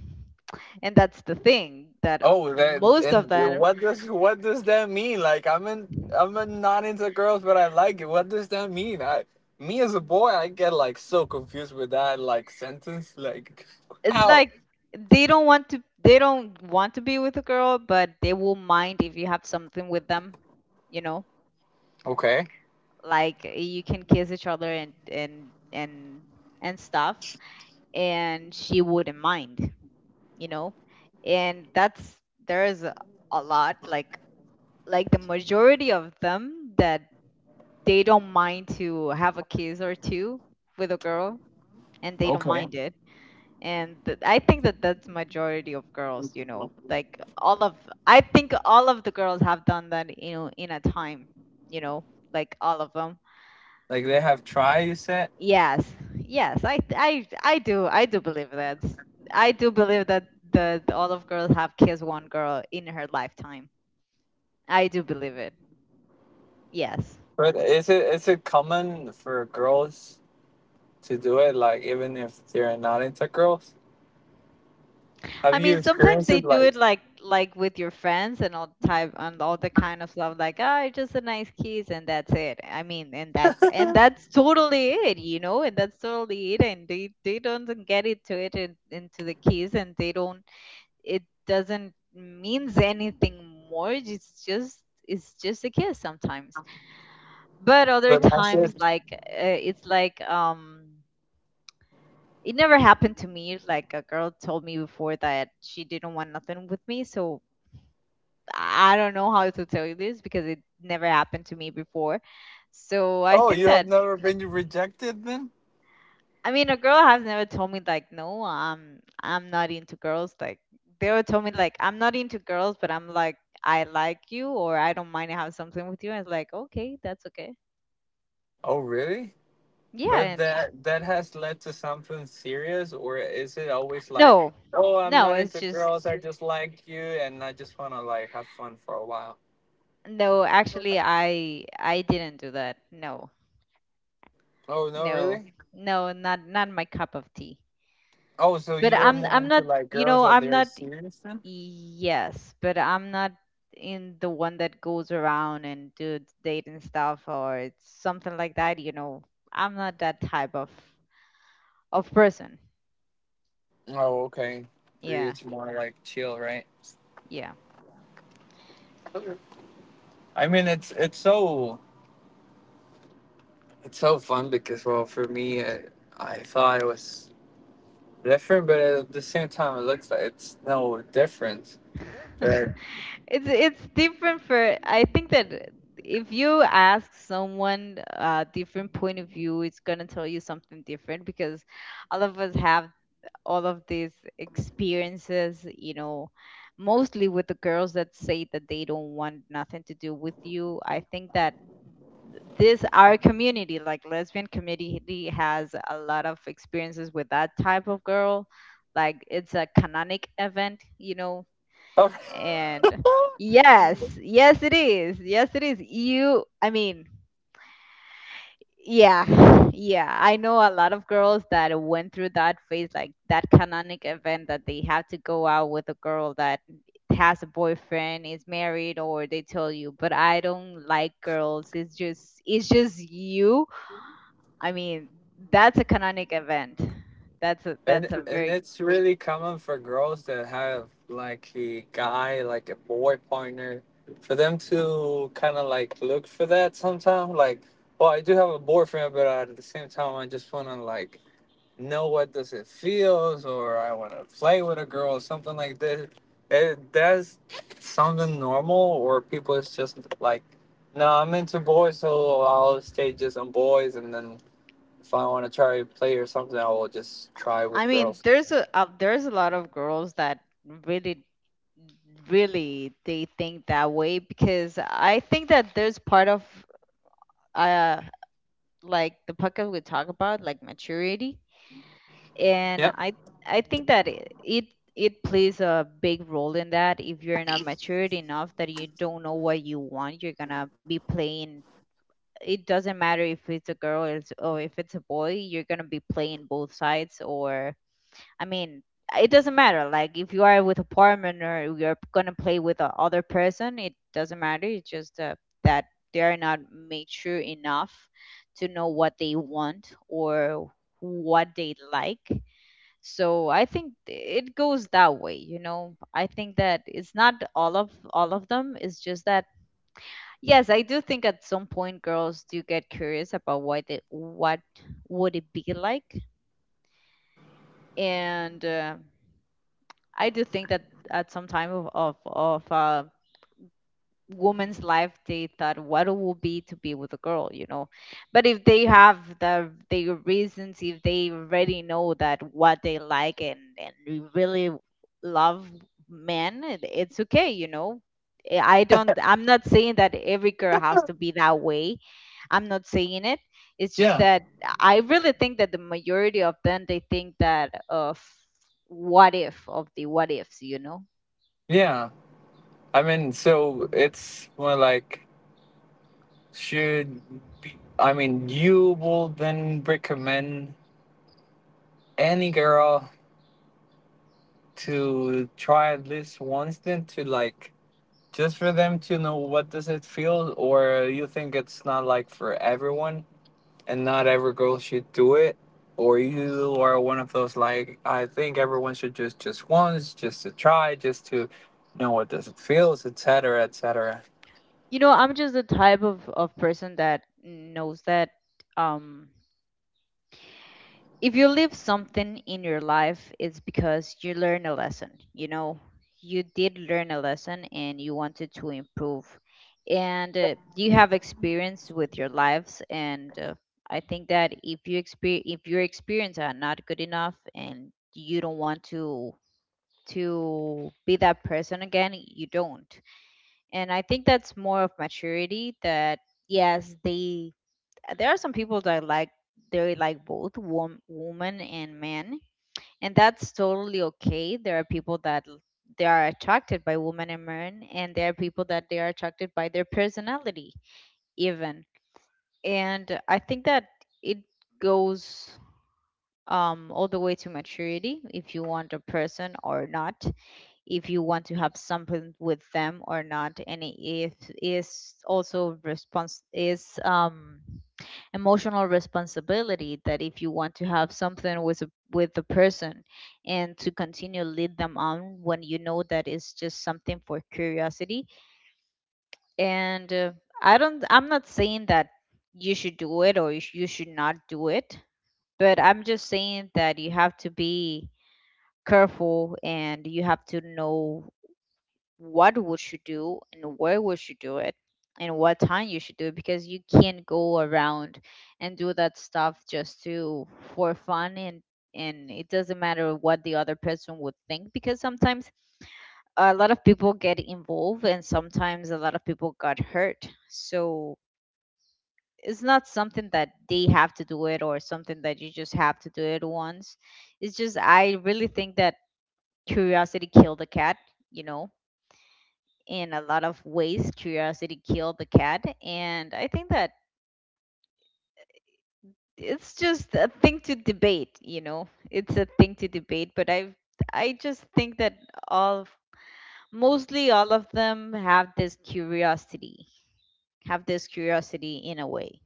A: And that's the thing that
B: Oh, that
A: most of
B: and
A: them,
B: what does that mean? Like I'm in not into girls, but I like it. What does that mean? I me as a boy, I get like so confused with that like sentence. Like
A: it's
B: how?
A: like they don't want to, they don't want to be with a girl, but they will mind if you have something with them, you know.
B: Okay,
A: Like you can kiss each other and and and stuff, and she wouldn't mind, you know. And that's, there's a lot, like the majority of them, that they don't mind to have a kiss or two with a girl, and they don't
B: okay.
A: mind it. I think that that's majority of girls, you know. Like all of I think all of the girls have done that, you know, in a time, you know, like all of them.
B: Like they have try you said,
A: Yes, yes, I do, I do believe that. I do believe that the all of girls have kissed one girl in her lifetime. I do believe it. Yes.
B: but is it common for girls to do it? Like even if they're not into girls, have
A: I
B: you
A: mean, sometimes
B: experienced
A: they
B: it?
A: do
B: Like,
A: it like with your friends and all type and all the kind of stuff, like, ah, it's just a nice kiss and that's it. I mean, and that's totally it, you know, and that's totally it. And they don't get into it in, into the kiss, and they don't. It doesn't means anything more. It's just a kiss sometimes, but other
B: but I
A: times
B: said,
A: like it's like it never happened to me. Like a girl told me before that she didn't want nothing with me, so I don't know how to tell you this, because it never happened to me before. So I
B: oh,
A: think
B: you have
A: that,
B: never been rejected then?
A: I mean, a girl has never told me like no, I'm not into girls. Like they were told me like I'm not into girls, but I'm like I like you or I don't mind to have something with you. And it's like, okay, that's okay.
B: Oh, really?
A: Yeah,
B: But
A: and
B: that has led to something serious, or is it always like,
A: no.
B: oh, I'm
A: No,
B: not
A: it's
B: into
A: just
B: girls, I just like you, and I just wanna like have fun for a while?
A: no, actually I didn't do that. No.
B: Oh no,
A: No.
B: really?
A: No, not not my cup of tea.
B: Oh, so
A: But
B: you're
A: I'm
B: more
A: I'm
B: into
A: not,
B: like
A: you
B: girls
A: know,
B: that
A: I'm
B: they're
A: not,
B: serious then?
A: yes, but I'm not in the one that goes around and do the date stuff or something like that, you know. I'm not that type of person.
B: Oh, okay. For you,
A: Yeah.
B: it's more like chill, right?
A: Yeah.
B: I mean, it's so it's so fun because well, for me, it, I thought it was different, but at the same time, it looks like it's no different. But
A: It's different for, I think that if you ask someone a different point of view, it's gonna tell you something different because all of us have all of these experiences, you know, mostly with the girls that say that they don't want nothing to do with you. I think that this, our community, like lesbian community, has a lot of experiences with that type of girl. Like it's a canonic event, you know,
B: oh.
A: and yes, yes, it is. Yes, it is. You, I mean, yeah, yeah. I know a lot of girls that went through that phase, like that canonic event, that they have to go out with a girl that has a boyfriend, is married, or they tell you, but I don't like girls. It's just you. I mean, that's a canonic event. That's a that's a
B: And
A: very.
B: it's really common for girls that have like a guy, like a boy partner, for them to kind of like look for that sometimes. Like, well, I do have a boyfriend, but at the same time, I just want to like know what does it feels, or I want to play with a girl, or something like this. It, that's something normal, or people is just like, no, I'm into boys, so I'll stay just on boys, and then if I want to try to play or something, I will just try with girls.
A: There's a there's a lot of girls that really really they think that way because I think that there's part of uh like the podcast we talk about, like, maturity.
B: Yep.
A: And I think that it plays a big role in that. If you're not matured enough, that you don't know what you want, you're gonna be playing. It doesn't matter if it's a girl or or if it's a boy, you're gonna be playing both sides, or, I mean, it doesn't matter. Like, if you are with a partner or you're gonna play with a other person, it doesn't matter. It's just that they are not mature enough to know what they want or what they like. So I think it goes that way, I think that it's not all of them. It's just that yes, I do think at some point girls do get curious about what what would it be like. And I do think that at some time of woman's life, they thought what it will be to be with a girl, but if they have their reasons, if they already know that what they like, and they really love men, it's okay, I don't, I'm not saying that every girl has to be that way. I'm not saying it. It's just
B: Yeah.
A: that I really think that the majority of them, they think that of what if, of the what ifs,
B: Yeah. I mean, so it's more like should be, I mean, you will then recommend any girl to try at least once then to like just for them to know what does it feel or you think it's not like for everyone and not every girl should do it or you are one of those like I think everyone should just once just to try just to know what does it feels etc etc.
A: I'm just the type of person that knows that um if you leave something in your life, it's because you learn a lesson, you did learn a lesson and you wanted to improve. And you have experience with your lives. And I think that if your experience are not good enough and you don't want to be that person again, you don't. And I think that's more of maturity. That yes, they, there are some people that, like, they like both woman and man, and that's totally okay. There are people that they are attracted by women and men, and there are people that they are attracted by their personality, even. And I think that it goes all the way to maturity, if you want a person or not, if you want to have something with them or not. And it is also response is emotional responsibility, that if you want to have something with with the person and to continue lead them on when you know that it's just something for curiosity. And I don't, I'm not saying that you should do it or you should not do it, but I'm just saying that you have to be careful, and you have to know what would you do and where would you do it and what time you should do it, because you can't go around and do that stuff just to for fun. And it doesn't matter what the other person would think, because sometimes a lot of people get involved, and sometimes a lot of people got hurt. So it's not something that they have to do it, or something that you just have to do it once. It's just I really think that curiosity killed the cat, you know in a lot of ways, curiosity killed the cat. And I think that it's just a thing to debate, it's a thing to debate. But I just think that all mostly all of them have this curiosity, have this curiosity in a way.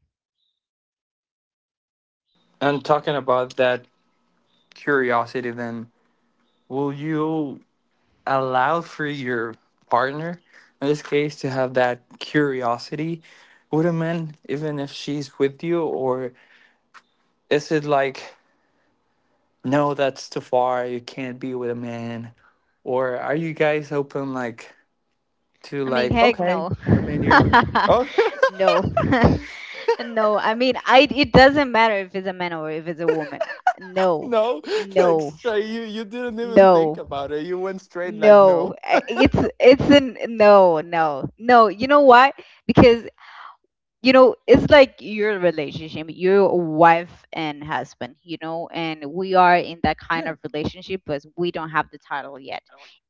B: And talking about that curiosity, then, will you allow for your partner, in this case, to have that curiosity with a man, even if she's with you? Or is it like, no, that's too far, you can't be with a man? Or are you guys open, like, to,
A: I mean,
B: like,
A: heck
B: okay,
A: no.
B: I mean, you're with. Oh!
A: No. No, I mean, I, it doesn't matter if it's a man or if it's a woman. No.
B: No, like,
A: No.
B: straight, you didn't even think
A: no
B: about it. You went straight, like, no.
A: It's an no, no, no. You know why? Because, you know, it's like your relationship, your wife and husband, you know, and we are in that kind
B: Yeah.
A: of relationship, but we don't have the title yet.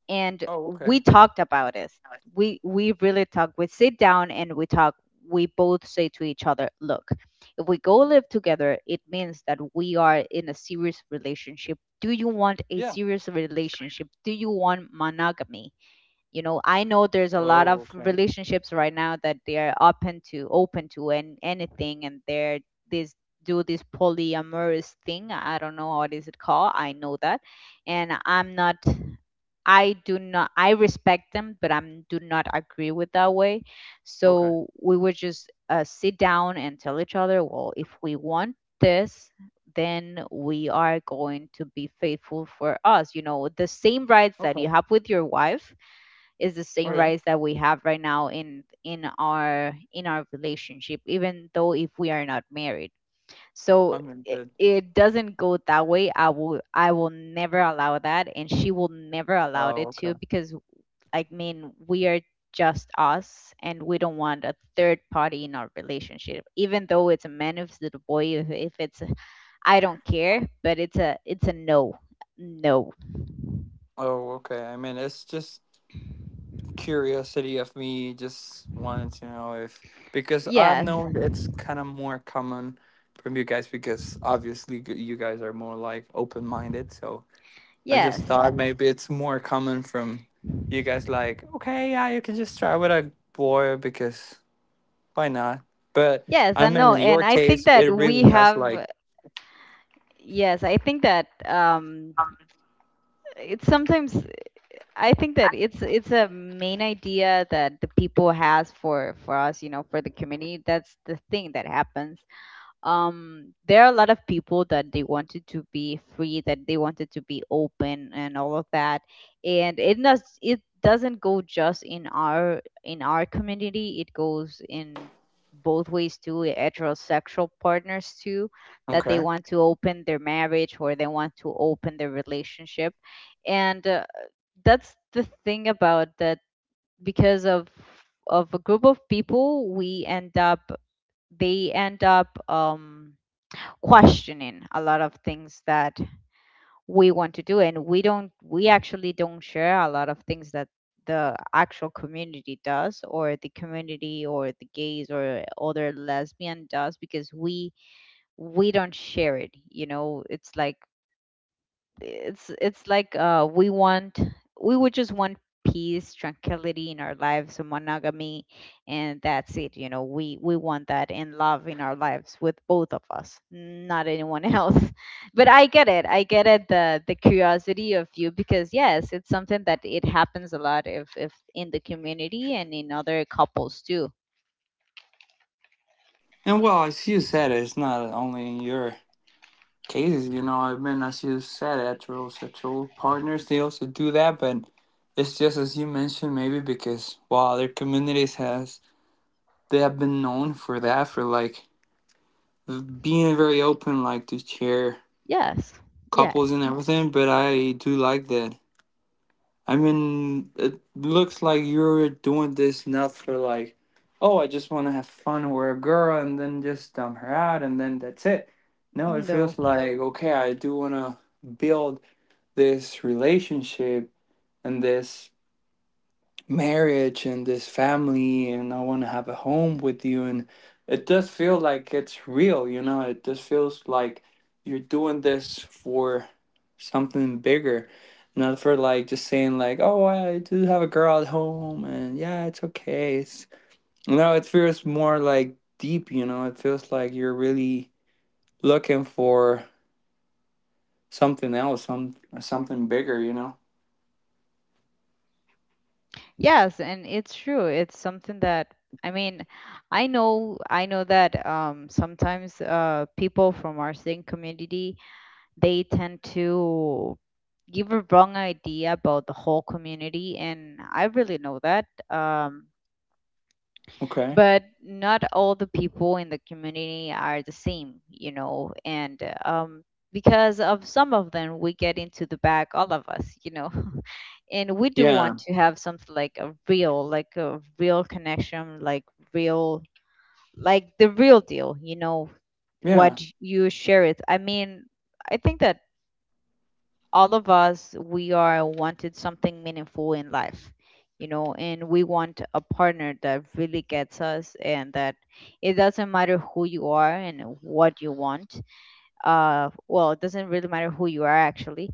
A: And
B: Oh, okay.
A: we talked about it. We really talk. We sit down and we talk. We both say to each other, look, if we go live together, it means that we are in a serious relationship. Do you want a
B: Yeah.
A: serious relationship? Do you want monogamy? You know, I know there's a lot
B: Oh,
A: of
B: okay.
A: relationships right now that they are open to and anything, and they're this do this polyamorous thing. I don't know what is it called. I know that. And I'm not, I do not, I respect them, but I am do not agree with that way.
B: Okay.
A: So we would just sit down and tell each other, well, if we want this, then we are going to be faithful for us. You know, the same rights that you
B: Okay.
A: have with your wife is the
B: All
A: same
B: right.
A: rights that we have right now in our relationship, even though if we are not married. So
B: I'm in bed.
A: it doesn't go that way. I will never allow that, and she will never allow
B: Oh,
A: it
B: okay.
A: to, because, I mean, we are just us, and we don't want a third party in our relationship, even though it's a man, if it's a boy, if it's a, I don't care, but it's a no. No.
B: Oh, okay. I mean, it's just curiosity of me just wanting to know if because I've
A: Yes.
B: known it's kind of more common from you guys because obviously g- you guys are more like open-minded. So I
A: Yes.
B: just thought maybe it's more common from you guys like, okay, yeah, you can just try with a boy because why not? But
A: Yes,
B: I
A: I
B: mean,
A: know,
B: in your
A: and I think
B: case,
A: that
B: it
A: we
B: really has like,
A: have. Yes, I think that it's sometimes. I think that it's a main idea that the people has for us, you know, for the community. That's the thing that happens. There are a lot of people that they wanted to be free, that they wanted to be open, and all of that. And it does, it doesn't go just in our community. It goes in both ways too, heterosexual partners too, that they
B: okay.
A: want to open their marriage or they want to open their relationship. And that's the thing about that. Because of a group of people, we end up, they end up questioning a lot of things that we want to do. And we don't, we actually don't share a lot of things that the actual community does, or the community or the gays or other lesbian does, because we don't share it, you know. It's like, we want, we would just want peace, tranquility in our lives and monogamy. And that's it, you know. We want that and love in our lives, with both of us, not anyone else. But I get it, the curiosity of you, because yes, it's something that it happens a lot if in the community and in other couples too.
B: And well, as you said, it's not only in your cases, you know. I mean, as you said, heterosexual partners they also do that, but it's just as you mentioned, maybe because wow, their communities has they have been known for that for like being very open, like to share
A: Yes.
B: couples
A: Yes.
B: and everything. But I do like that I mean, it looks like you're doing this not for like, oh, I just want to have fun with a girl and then just dump her out and then that's it. No, it
A: No.
B: feels like, okay, I do want to build this relationship and this marriage and this family and I want to have a home with you and it does feel like it's real, you know. It just feels like you're doing this for something bigger, not for like just saying like, "Oh, I do have a girl at home and yeah, it's okay." It's you know, it feels more like deep, you know. It feels like you're really looking for something else, some something bigger, you know.
A: Yes, and it's true. It's something that, I mean, I know that sometimes people from our same community, they tend to give a wrong idea about the whole community, and I really know that.
B: Okay.
A: But not all the people in the community are the same, you know. And um, because of some of them, we get into the bag, all of us, you know. And we do want
B: Yeah.
A: to have something like a real, like a real connection, like real, like the real deal, you know.
B: Yeah.
A: What you share it, I mean, I think that all of us, we are wanted something meaningful in life, you know. And we want a partner that really gets us, and that it doesn't matter who you are and what you want. Well, it doesn't really matter who you are, actually.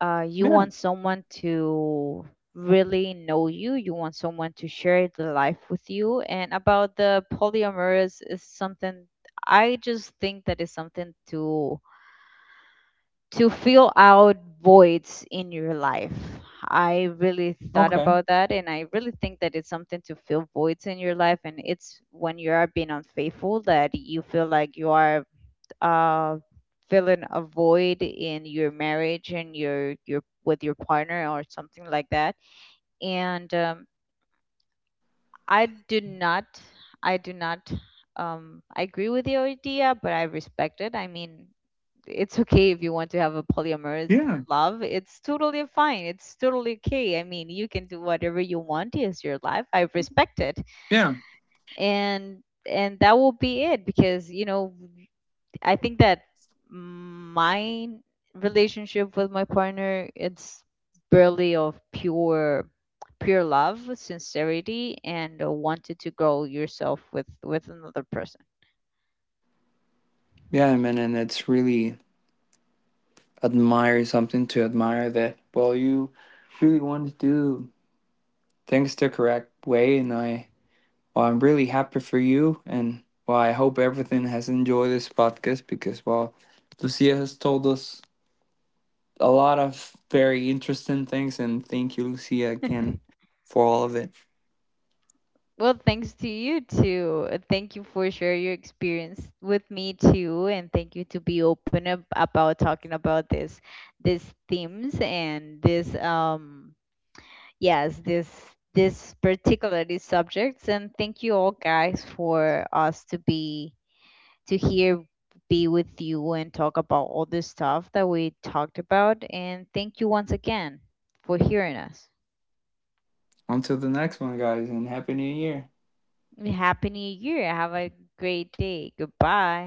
A: You
B: Yeah.
A: want someone to really know you. You want someone to share the life with you. And about the polyamorous is something, I just think that is something to fill out voids in your life. I really thought
B: Okay.
A: about that, and I really think that it's something to fill voids in your life. And it's when you are being unfaithful that you feel like you are uh, filling a void in your marriage and your with your partner or something like that. And I do not, I do not, I agree with your idea, but I respect it. I mean, it's okay if you want to have a polyamorous
B: Yeah.
A: love. It's totally fine. It's totally okay. I mean, you can do whatever you want. It's your life. I respect it,
B: Yeah.
A: and that will be it. Because, you know, I think that my relationship with my partner, it's barely of pure love, sincerity, and wanted to grow yourself with another person.
B: Yeah, man, and it's really admire something to admire that. Well, you really want to do things the correct way, and I well, I'm really happy for you, and well, I hope everything has enjoyed this podcast because well, Lucia has told us a lot of very interesting things, and thank you, Lucia, again for all of it.
A: Well, thanks to you too. Thank you for sharing your experience with me too, and thank you to be open about talking about this these themes and this yes this particularly subjects. And thank you all guys for us to be to here, be with you and talk about all this stuff that we talked about. And thank you once again for hearing us.
B: Until the next one, guys, and happy new year.
A: Happy new year. Have a great day. Goodbye.